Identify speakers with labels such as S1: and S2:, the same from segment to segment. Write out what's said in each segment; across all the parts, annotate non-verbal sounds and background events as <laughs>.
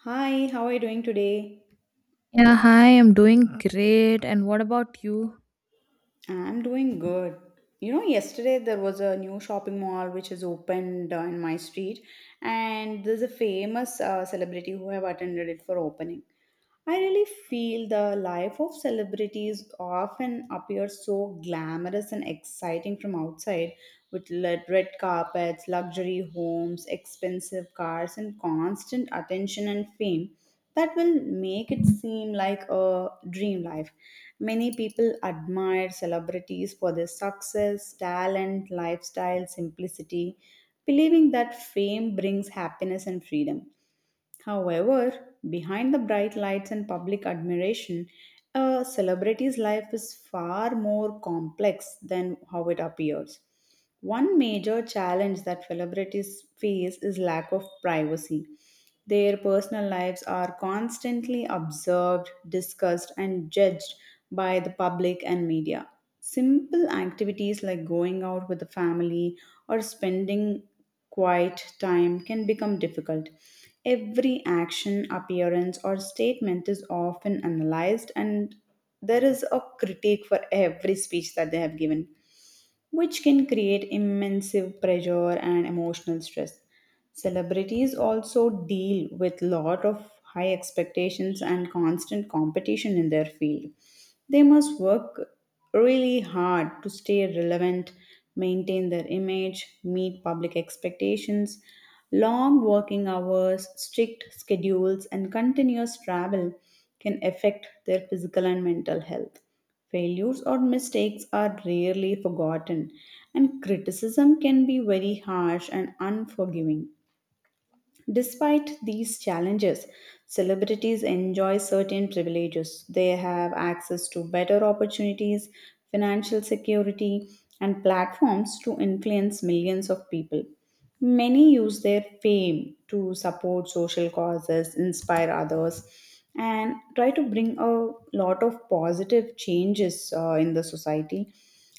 S1: Hi, how are you doing today?
S2: Yeah, hi, I'm doing great. And what about you?
S1: I'm doing good. You know, yesterday there was a new shopping mall which has opened in my street, and there's a famous celebrity who have attended it for opening. I really feel the life of celebrities often appears so glamorous and exciting from outside with red carpets, luxury homes, expensive cars, and constant attention and fame that will make it seem like a dream life. Many people admire celebrities for their success, talent, lifestyle, simplicity, believing that fame brings happiness and freedom. However, behind the bright lights and public admiration, a celebrity's life is far more complex than how it appears. One major challenge that celebrities face is lack of privacy. Their personal lives are constantly observed, discussed, and judged by the public and media. Simple activities like going out with the family or spending quiet time can become difficult. Every action, appearance, or statement is often analyzed, and there is a critique for every speech that they have given, which can create immense pressure and emotional stress. Celebrities also deal with lot of high expectations and constant competition in their field. They must work really hard to stay relevant, maintain their image, meet public expectations. Long working hours, strict schedules, and continuous travel can affect their physical and mental health. Failures or mistakes are rarely forgotten, and criticism can be very harsh and unforgiving. Despite these challenges, celebrities enjoy certain privileges. They have access to better opportunities, financial security, and platforms to influence millions of people. Many use their fame to support social causes, inspire others, and try to bring a lot of positive changes in the society.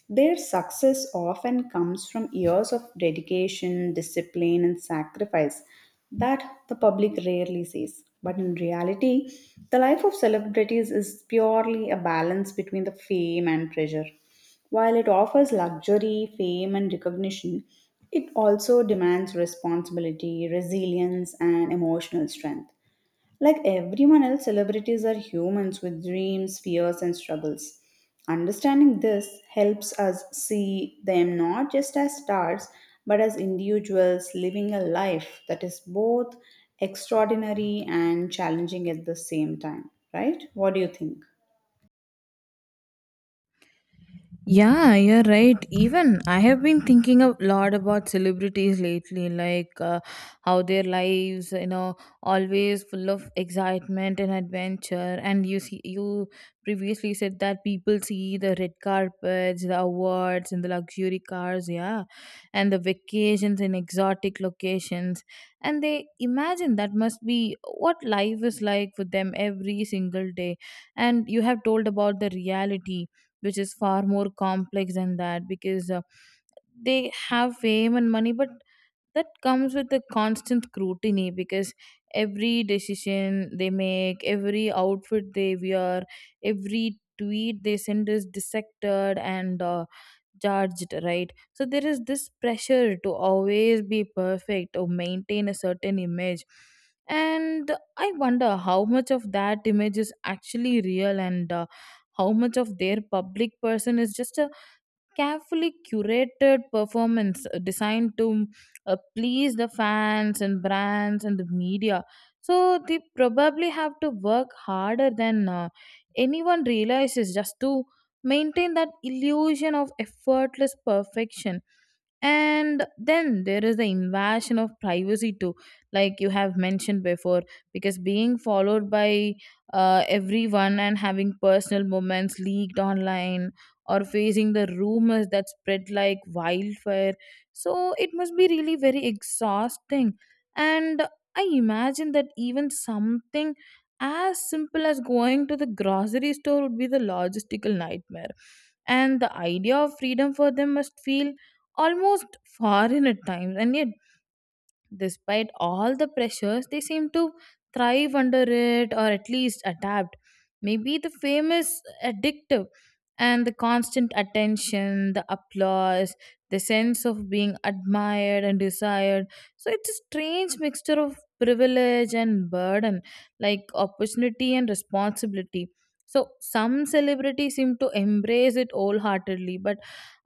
S1: Their success often comes from years of dedication, discipline, and sacrifice that the public rarely sees. But in reality, the life of celebrities is purely a balance between the fame and pressure. While it offers luxury, fame, and recognition, it also demands responsibility, resilience, and emotional strength. Like everyone else, celebrities are humans with dreams, fears, and struggles. Understanding this helps us see them not just as stars, but as individuals living a life that is both extraordinary and challenging at the same time, right? What do you think?
S2: Yeah, you're right. Even I have been thinking a lot about celebrities lately, like how their lives, always full of excitement and adventure. And you see, you previously said that people see the red carpets, the awards, and the luxury cars, yeah, and the vacations in exotic locations, and they imagine that must be what life is like for them every single day. And you have told about the reality, which is far more complex than that, because they have fame and money, but that comes with the constant scrutiny, because every decision they make, every outfit they wear, every tweet they send is dissected and judged, right? So there is this pressure to always be perfect or maintain a certain image. And I wonder how much of that image is actually real and how much of their public person is just a carefully curated performance designed to please the fans and brands and the media. So they probably have to work harder than anyone realizes just to maintain that illusion of effortless perfection. And then there is the invasion of privacy too, like you have mentioned before, because being followed by everyone and having personal moments leaked online or facing the rumors that spread like wildfire, so it must be really very exhausting. And I imagine that even something as simple as going to the grocery store would be the logistical nightmare, and the idea of freedom for them must feel almost foreign at times. And yet, despite all the pressures, they seem to thrive under it or at least adapt. Maybe the fame is addictive, and the constant attention, the applause, the sense of being admired and desired, so it's a strange mixture of privilege and burden, like opportunity and responsibility. So some celebrities seem to embrace it wholeheartedly, but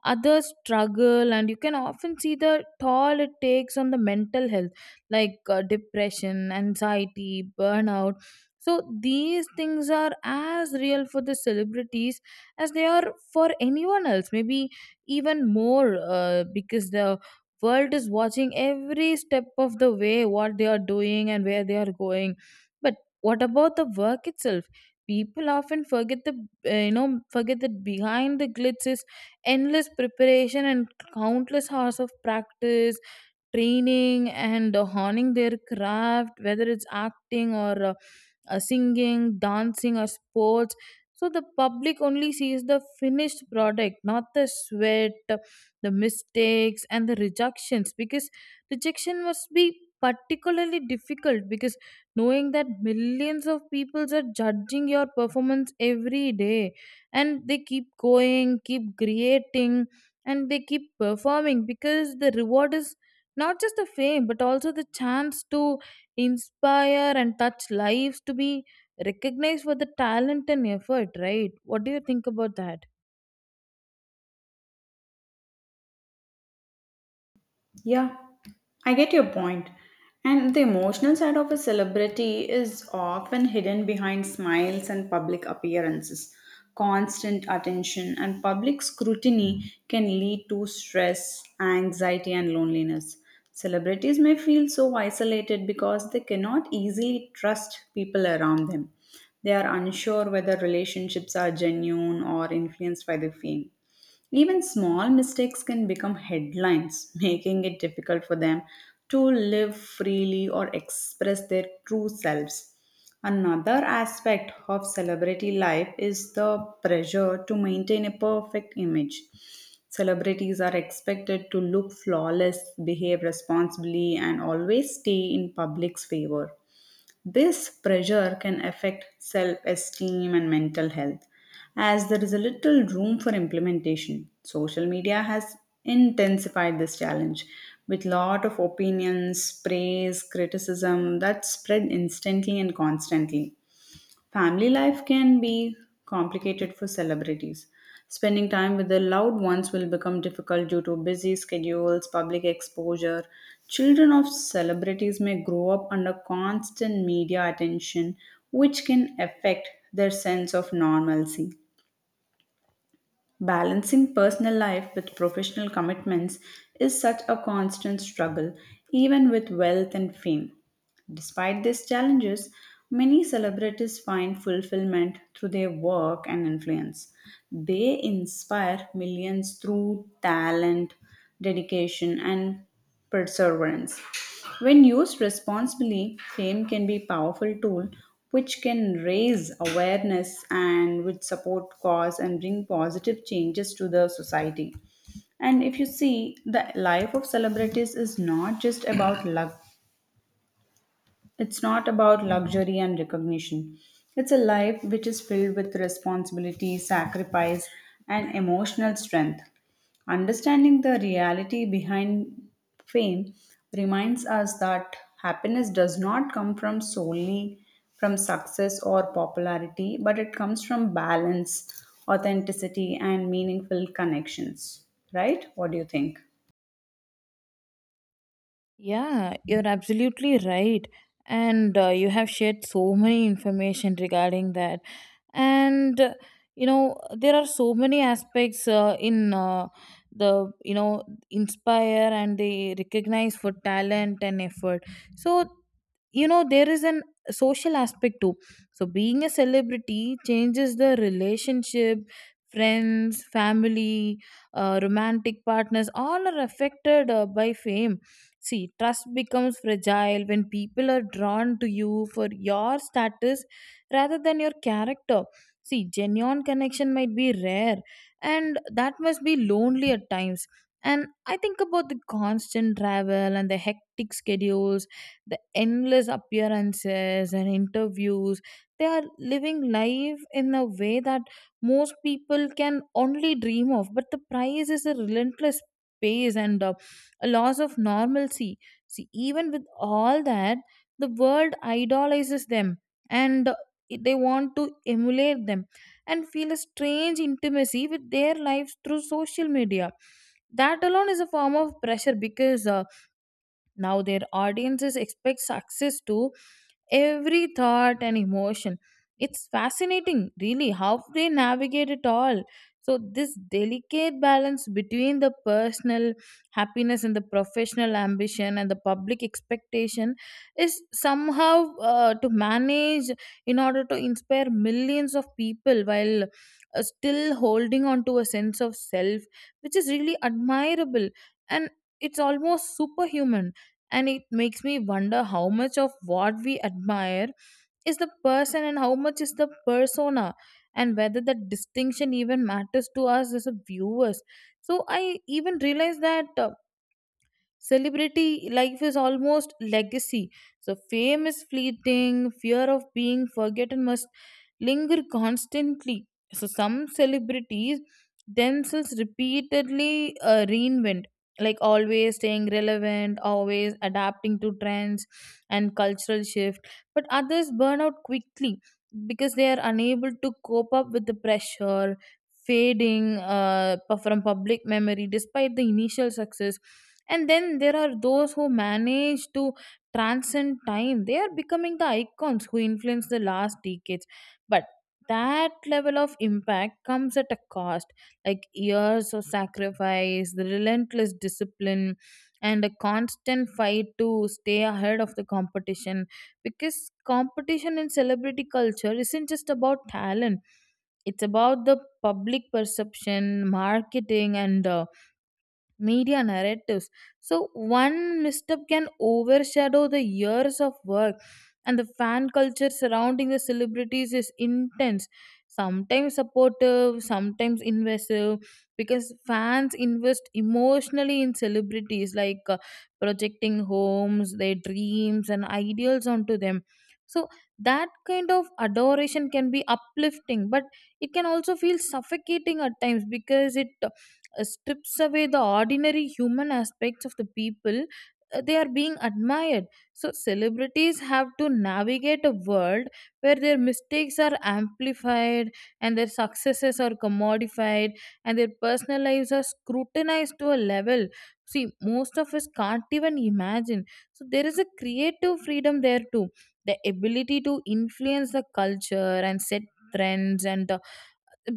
S2: others struggle, and you can often see the toll it takes on the mental health, like depression, anxiety, burnout. So these things are as real for the celebrities as they are for anyone else, maybe even more, because the world is watching every step of the way what they are doing and where they are going. But what about the work itself? People often forget the you know forget that behind the glitz is endless preparation and countless hours of practice, training and honing their craft, whether it's acting or singing, dancing, or sports. So the public only sees the finished product, not the sweat, the mistakes, and the rejections. Because rejection must be particularly difficult, because knowing that millions of people are judging your performance every day, and they keep going, keep creating, and they keep performing, because the reward is not just the fame but also the chance to inspire and touch lives, to be recognized for the talent and effort, right? What do you think about that?
S1: Yeah, I get your point. And the emotional side of a celebrity is often hidden behind smiles and public appearances. Constant attention and public scrutiny can lead to stress, anxiety, and loneliness. Celebrities may feel so isolated because they cannot easily trust people around them. They are unsure whether relationships are genuine or influenced by the fame. Even small mistakes can become headlines, <laughs> making it difficult for them to live freely or express their true selves. Another aspect of celebrity life is the pressure to maintain a perfect image. Celebrities are expected to look flawless, behave responsibly, and always stay in public's favor. This pressure can affect self esteem and mental health as there is a little room for implementation. Social media has intensified this challenge with lot of opinions, praise, criticism that spread instantly and constantly. Family life can be complicated for celebrities. Spending time with their loved ones will become difficult due to busy schedules, public exposure. Children of celebrities may grow up under constant media attention, which can affect their sense of normalcy. Balancing personal life with professional commitments is such a constant struggle, even with wealth and fame. Despite these challenges, many celebrities find fulfillment through their work and influence. They inspire millions through talent, dedication, and perseverance. When used responsibly, fame can be a powerful tool which can raise awareness and which support cause and bring positive changes to the society. And if you see, the life of celebrities is not just about luck, it's not about luxury and recognition. It's a life which is filled with responsibility, sacrifice, and emotional strength. Understanding the reality behind fame reminds us that happiness does not come from solely from success or popularity, but it comes from balance, authenticity, and meaningful connections. Right? What do you think?
S2: Yeah, you're absolutely right. And you have shared so many information regarding that. And there are so many aspects in the inspire and they recognize for talent and effort. So, there is an social aspect too. So being a celebrity changes the relationship, friends, family, romantic partners, all are affected by fame. See, trust becomes fragile when people are drawn to you for your status rather than your character. See, genuine connection might be rare, and that must be lonely at times. And I think about the constant travel and the hectic schedules, the endless appearances and interviews. They are living life in a way that most people can only dream of, but the price is a relentless pace and a loss of normalcy. See, even with all that, the world idolizes them, and they want to emulate them and feel a strange intimacy with their lives through social media. That alone is a form of pressure, because now their audiences expect success to every thought and emotion. It's fascinating, really, how they navigate it all. So this delicate balance between the personal happiness and the professional ambition and the public expectation is somehow to manage in order to inspire millions of people while still holding on to a sense of self, which is really admirable. And it's almost superhuman, and it makes me wonder how much of what we admire is the person and how much is the persona, and whether that distinction even matters to us as a viewers. So I even realized that celebrity life is almost legacy. So fame is fleeting, fear of being forgotten must linger constantly. So some celebrities themselves repeatedly reinvent, like always staying relevant, always adapting to trends and cultural shift. But others burn out quickly because they are unable to cope up with the pressure, fading from public memory despite the initial success. And then there are those who manage to transcend time. They are becoming the icons who influence the last decades. But that level of impact comes at a cost, like years of sacrifice, the relentless discipline, and a constant fight to stay ahead of the competition. Because competition in celebrity culture isn't just about talent, it's about the public perception, marketing and media narratives. So one misstep can overshadow the years of work, and the fan culture surrounding the celebrities is intense. Sometimes supportive, sometimes invasive, because fans invest emotionally in celebrities, like projecting homes, their dreams, and ideals onto them. So that kind of adoration can be uplifting, but it can also feel suffocating at times, because it strips away the ordinary human aspects of the people they are being admired. So celebrities have to navigate a world where their mistakes are amplified and their successes are commodified and their personal lives are scrutinized to a level, see, most of us can't even imagine. So there is a creative freedom there too, the ability to influence the culture and set trends and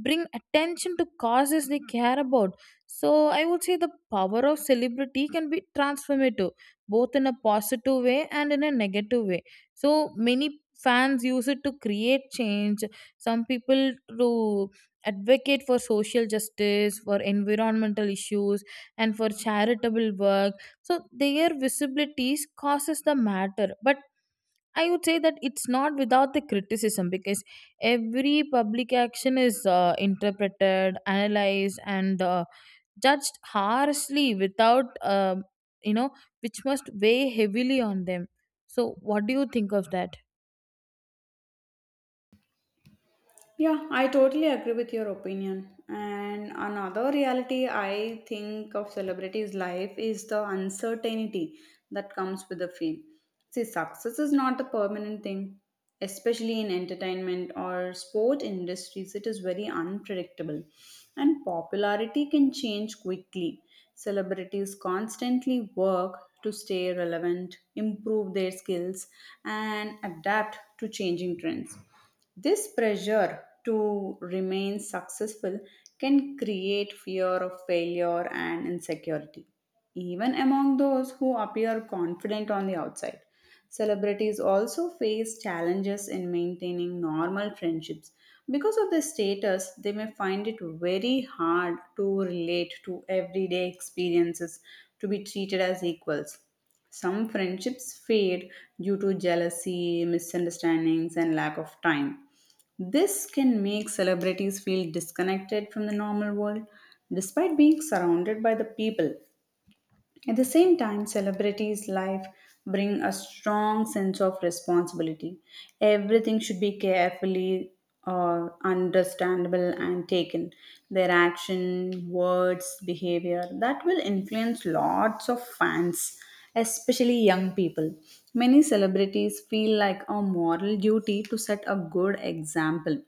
S2: bring attention to causes they care about. So I would say the power of celebrity can be transformative, both in a positive way and in a negative way. So many fans use it to create change. Some people to advocate for social justice, for environmental issues, and for charitable work. So their visibilities causes the matter, but I would say that it's not without the criticism, because every public action is interpreted, analyzed, and judged harshly, without, you know, which must weigh heavily on them. So, what do you think of that?
S1: Yeah, I totally agree with your opinion. And another reality I think of celebrities' life is the uncertainty that comes with the field. See, success is not a permanent thing, especially in entertainment or sport industries. It is very unpredictable, and popularity can change quickly. Celebrities constantly work to stay relevant, improve their skills, and adapt to changing trends. This pressure to remain successful can create fear of failure and insecurity, even among those who appear confident on the outside. Celebrities also face challenges in maintaining normal friendships. Because of their status, they may find it very hard to relate to everyday experiences to be treated as equals. Some friendships fade due to jealousy, misunderstandings, and lack of time. This can make celebrities feel disconnected from the normal world despite being surrounded by the people. At the same time, celebrities' life bring a strong sense of responsibility. Everything should be carefully understandable and taken. Their action, words, behavior that will influence lots of fans, especially young people. Many celebrities feel like a moral duty to set a good example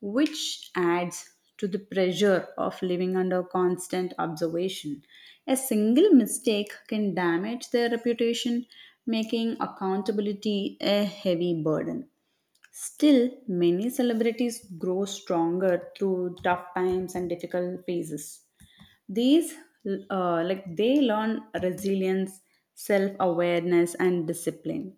S1: which adds to the pressure of living under constant observation. A single mistake can damage their reputation, making accountability a heavy burden. Still, many celebrities grow stronger through tough times and difficult phases. These, like, they learn resilience, self awareness, and discipline.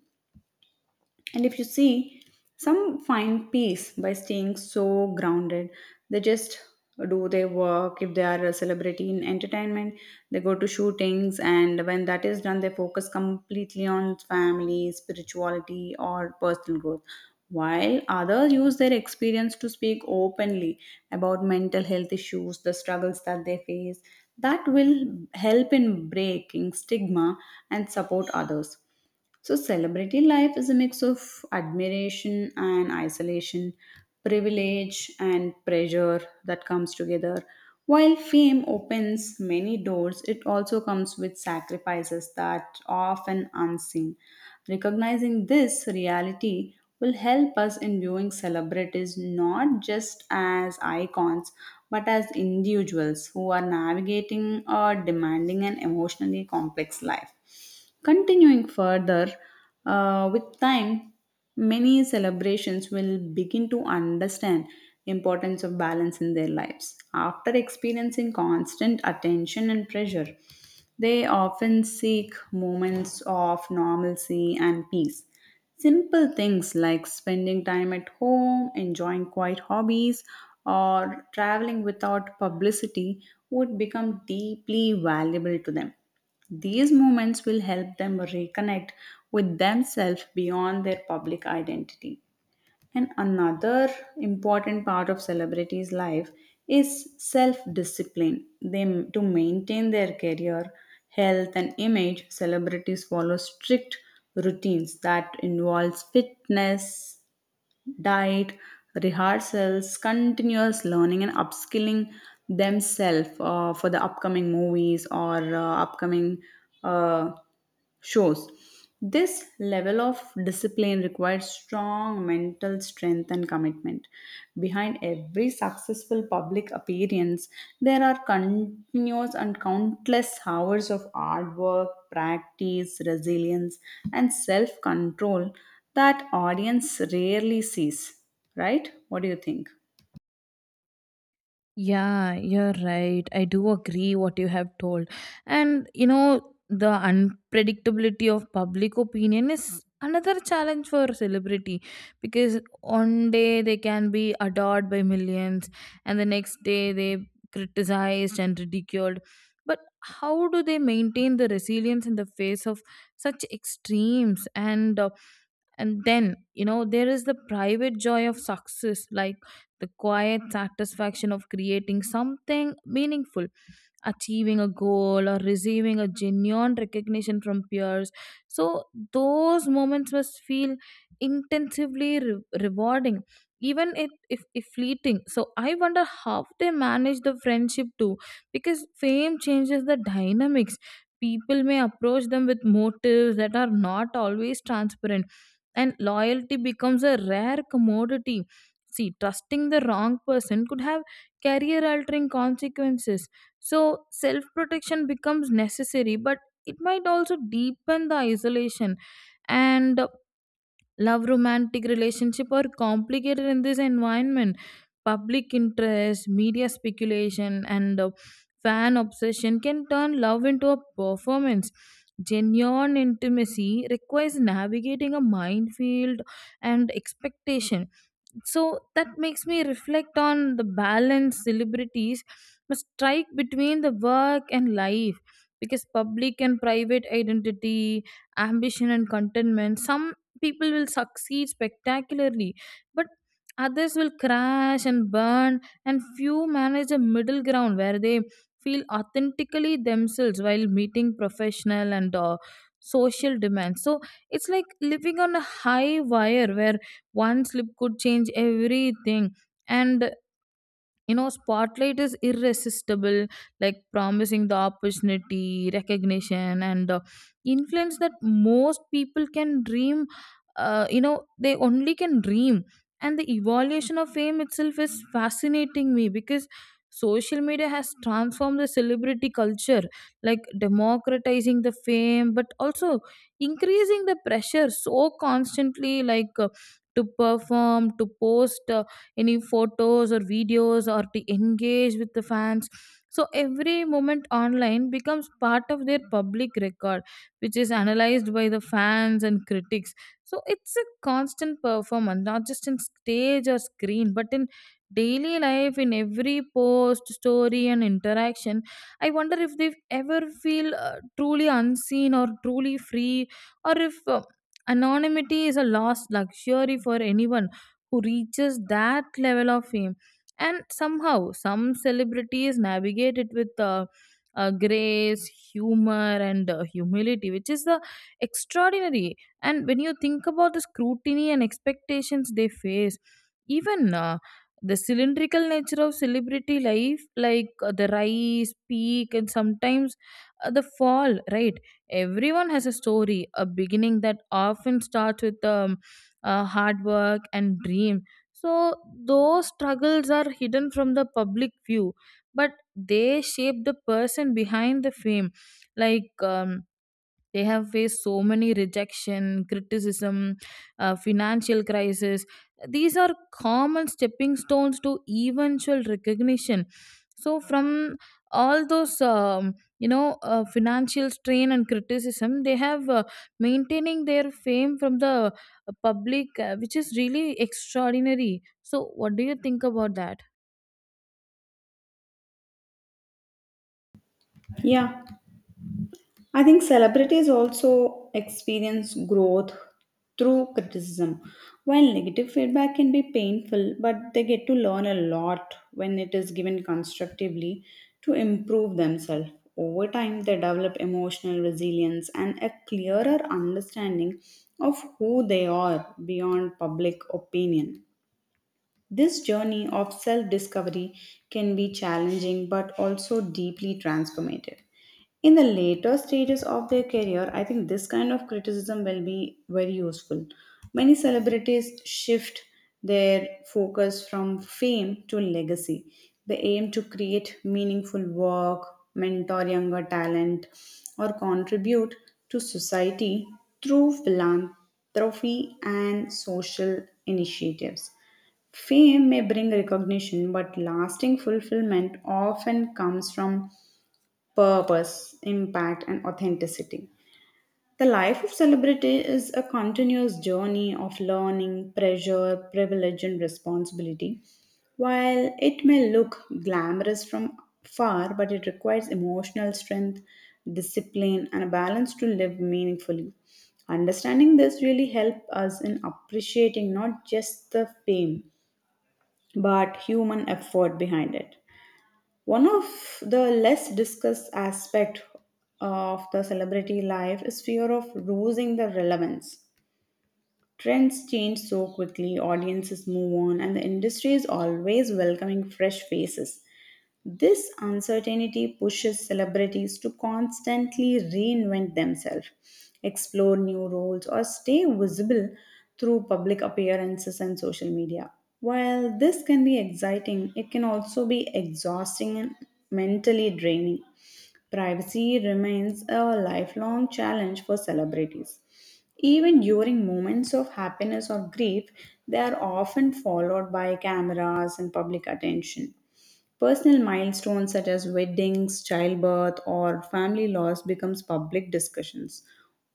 S1: And if you see, some find peace by staying so grounded. They just do their work. If they are a celebrity in entertainment, they go to shootings, and when that is done, they focus completely on family, spirituality, or personal growth. While others use their experience to speak openly about mental health issues, the struggles that they face, that will help in breaking stigma and support others. So, celebrity life is a mix of admiration and isolation, privilege and pressure that comes together. While fame opens many doors, it also comes with sacrifices that are often unseen. Recognizing this reality will help us in viewing celebrities not just as icons but as individuals who are navigating or demanding an emotionally complex life. Continuing further, with time, many celebrations will begin to understand importance of balance in their lives. After experiencing constant attention and pressure, they often seek moments of normalcy and peace. Simple things like spending time at home, enjoying quiet hobbies, or traveling without publicity would become deeply valuable to them. These moments will help them reconnect with themselves beyond their public identity. And another important part of celebrities' life is self discipline. They to maintain their career, health and image, celebrities follow strict routines that involves fitness, diet, rehearsals, continuous learning, and upskilling themselves for the upcoming movies or upcoming uh, shows. This level of discipline requires strong mental strength and commitment. Behind every successful public appearance, there are continuous and countless hours of hard work, practice, resilience, and self control that audience rarely sees, right? What do you think?
S2: Yeah, you're right. I do agree what you have told. And the unpredictability of public opinion is another challenge for celebrity, because one day they can be adored by millions and the next day they criticized and ridiculed. But how do they maintain the resilience in the face of such extremes? And and then there is the private joy of success, like the quiet satisfaction of creating something meaningful, achieving a goal, or receiving a genuine recognition from peers. So those moments must feel intensively rewarding, even it, if fleeting. So I wonder how they manage the friendship too, because fame changes the dynamics. People may approach them with motives that are not always transparent, and loyalty becomes a rare commodity. See, trusting the wrong person could have career altering consequences. So, self protection becomes necessary, but it might also deepen the isolation. And love, romantic relationship are complicated in this environment. Public interest, media speculation, and fan obsession can turn love into a performance. Genuine intimacy requires navigating a minefield and expectation, so that makes me reflect on the balance celebrities must strike between the work and life, because public and private identity, ambition and contentment. Some people will succeed spectacularly, but others will crash and burn, and few manage a middle ground where they feel authentically themselves while meeting professional and social demands. So it's like living on a high wire where one slip could change everything. And spotlight is irresistible, like promising the opportunity, recognition, and influence that most people can dream. They only can dream. And the evolution of fame itself is fascinating me, because social media has transformed the celebrity culture, like democratizing the fame but also increasing the pressure, so constantly, to perform, to post, any photos or videos, or to engage with the fans. So every moment online becomes part of their public record, which is analyzed by the fans and critics. So it's a constant performance, not just in stage or screen but in daily life, in every post, story, and interaction. I wonder if they ever feel truly unseen or truly free, or if anonymity is a lost luxury for anyone who reaches that level of fame. And somehow some celebrities navigate it with grace, humor, and humility, which is the extraordinary. And when you think about the scrutiny and expectations they face, even the cylindrical nature of celebrity life, like the rise, peak, and sometimes the fall, right? Everyone has a story, a beginning that often starts with a hard work and dream. So those struggles are hidden from the public view, but they shape the person behind the fame. like um, they have faced so many rejection, criticism, financial crisis. These are common stepping stones to eventual recognition. So, from all those, financial strain and criticism, they have maintaining their fame from the public, which is really extraordinary. So, what do you think about that?
S1: Yeah, I think celebrities also experience growth through criticism. While negative feedback can be painful, but they get to learn a lot when it is given constructively to improve themselves. Over time, they develop emotional resilience and a clearer understanding of who they are beyond public opinion. This journey of self discovery can be challenging but also deeply transformative. In the later stages of their career, I think this kind of criticism will be very useful. Many celebrities shift their focus from fame to legacy. They aim to create meaningful work, mentor younger talent, or contribute to society through philanthropy and social initiatives. Fame may bring recognition, but lasting fulfillment often comes from purpose, impact, and authenticity. The life of celebrity is a continuous journey of learning, pressure, privilege, and responsibility. While it may look glamorous from far, but it requires emotional strength, discipline, and a balance to live meaningfully. Understanding this really helps us in appreciating not just the fame but human effort behind it. One of the less discussed aspect of the celebrity life is fear of losing the relevance. Trends change so quickly, audiences move on, and the industry is always welcoming fresh faces. This uncertainty pushes celebrities to constantly reinvent themselves, explore new roles, or stay visible through public appearances and social media. While this can be exciting, it can also be exhausting and mentally draining. Privacy remains a lifelong challenge for celebrities. Even during moments of happiness or grief, they are often followed by cameras and public attention. Personal milestones such as weddings, childbirth, or family loss becomes public discussions.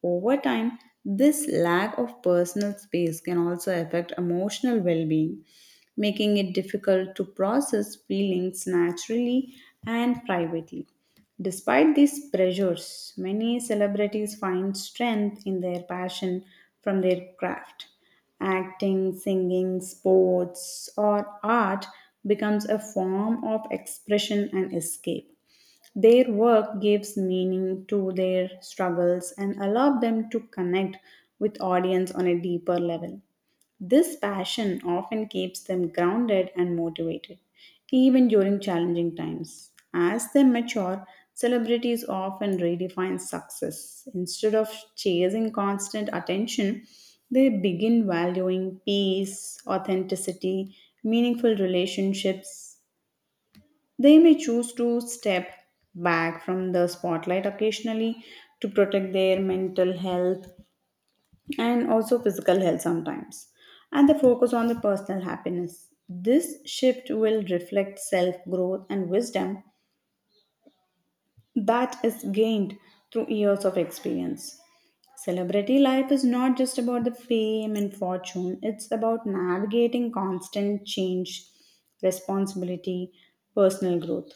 S1: Over time, this lack of personal space can also affect emotional well-being, making it difficult to process feelings naturally and privately. Despite these pressures, many celebrities find strength in their passion from their craft. Acting, singing, sports, or art becomes a form of expression and escape. Their work gives meaning to their struggles and allow them to connect with audience on a deeper level. This passion often keeps them grounded and motivated, even during challenging times. As they mature, celebrities often redefine success. Instead of chasing constant attention, they begin valuing peace, authenticity, meaningful relationships, they may choose to step back from the spotlight occasionally to protect their mental health and also physical health sometimes, and they focus on the personal happiness. This shift will reflect self growth and wisdom that is gained through years of experience. Celebrity life is not just about the fame and fortune, it's about navigating constant change, responsibility, personal growth.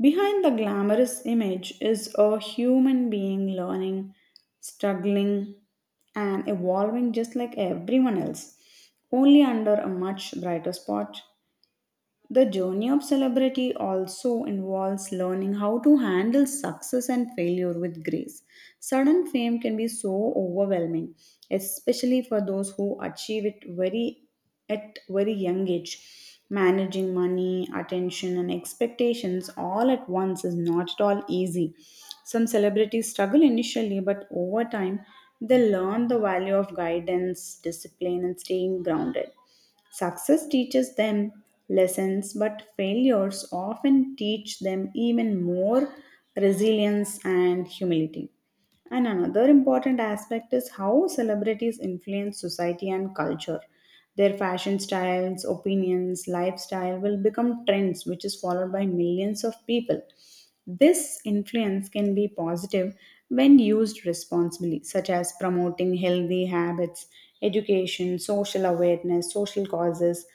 S1: Behind the glamorous image is a human being learning, struggling, and evolving just like everyone else, only under a much brighter spot. The journey of celebrity also involves learning how to handle success and failure with grace. Sudden fame can be so overwhelming, especially for those who achieve it very at very young age. Managing money, attention, and expectations all at once is not at all easy. Some celebrities struggle initially, but over time, they learn the value of guidance, discipline, and staying grounded. Success teaches them lessons, but failures often teach them even more resilience and humility. And another important aspect is how celebrities influence society and culture. Their fashion styles, opinions, lifestyle will become trends, which is followed by millions of people. This influence can be positive when used responsibly, such as promoting healthy habits, education, social awareness, social causes.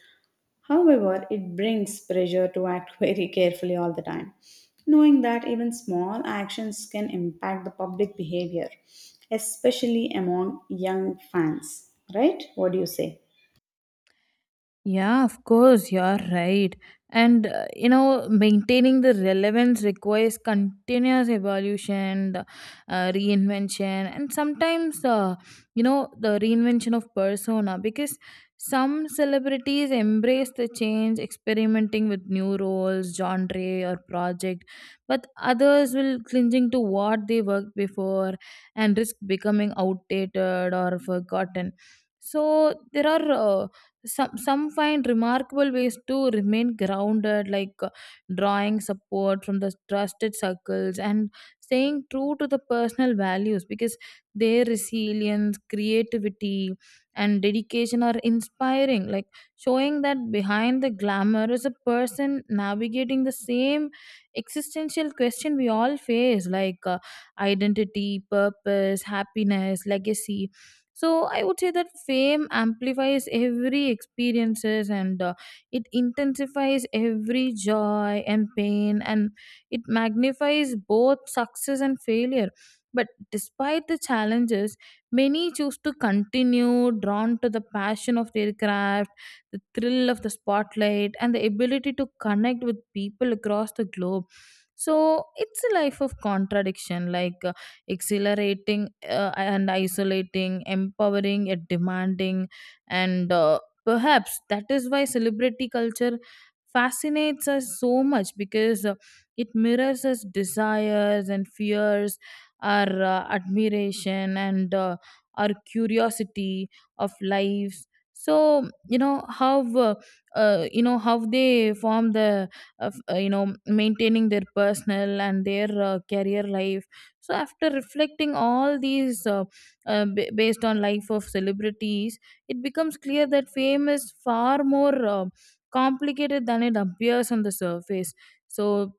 S1: However, it brings pressure to act <laughs> very carefully all the time, knowing that even small actions can impact the public behavior, especially among young fans. Right? What do you say?
S2: Yeah, of course, you're right. And maintaining the relevance requires continuous evolution, the, reinvention, and sometimes, the reinvention of persona, because some celebrities embrace the change, experimenting with new roles, genre, or project, but others will clinging to what they worked before and risk becoming outdated or forgotten. So there are. Some find remarkable ways to remain grounded, like drawing support from the trusted circles and staying true to the personal values, because their resilience, creativity, and dedication are inspiring, like showing that behind the glamour is a person navigating the same existential question we all face, like identity, purpose, happiness, legacy. So I would say that fame amplifies every experiences, and it intensifies every joy and pain, and it magnifies both success and failure. But despite the challenges, many choose to continue, drawn to the passion of their craft, the thrill of the spotlight, and the ability to connect with people across the globe. So it's a life of contradiction, like exhilarating and isolating, empowering yet demanding. And perhaps that is why celebrity culture fascinates us so much, because it mirrors us desires and fears, our admiration, and our curiosity of lives. So how they form the maintaining their personal and their career life. So after reflecting all these based on life of celebrities, it becomes clear that fame is far more complicated than it appears on the surface. So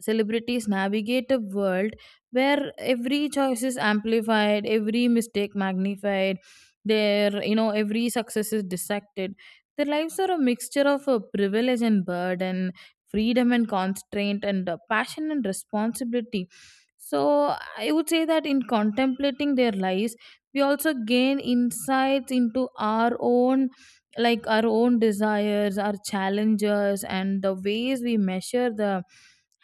S2: celebrities navigate a world where every choice is amplified, every mistake magnified, their you know every success is dissected. Their lives are a mixture of privilege and burden, freedom and constraint, and passion and responsibility. So I would say that in contemplating their lives, we also gain insights into our own, like our own desires, our challenges, and the ways we measure the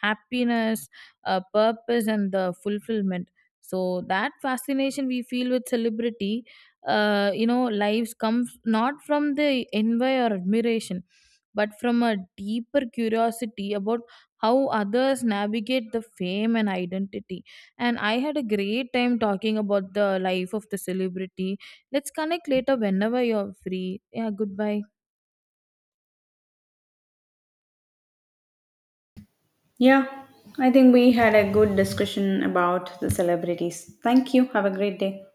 S2: happiness, purpose, and the fulfillment. So that fascination we feel with celebrity, lives comes not from the envy or admiration, but from a deeper curiosity about how others navigate the fame and identity. And I had a great time talking about the life of the celebrity. Let's connect later whenever you're free. Yeah, goodbye.
S1: Yeah, I think we had a good discussion about the celebrities. Thank you. Have a great day.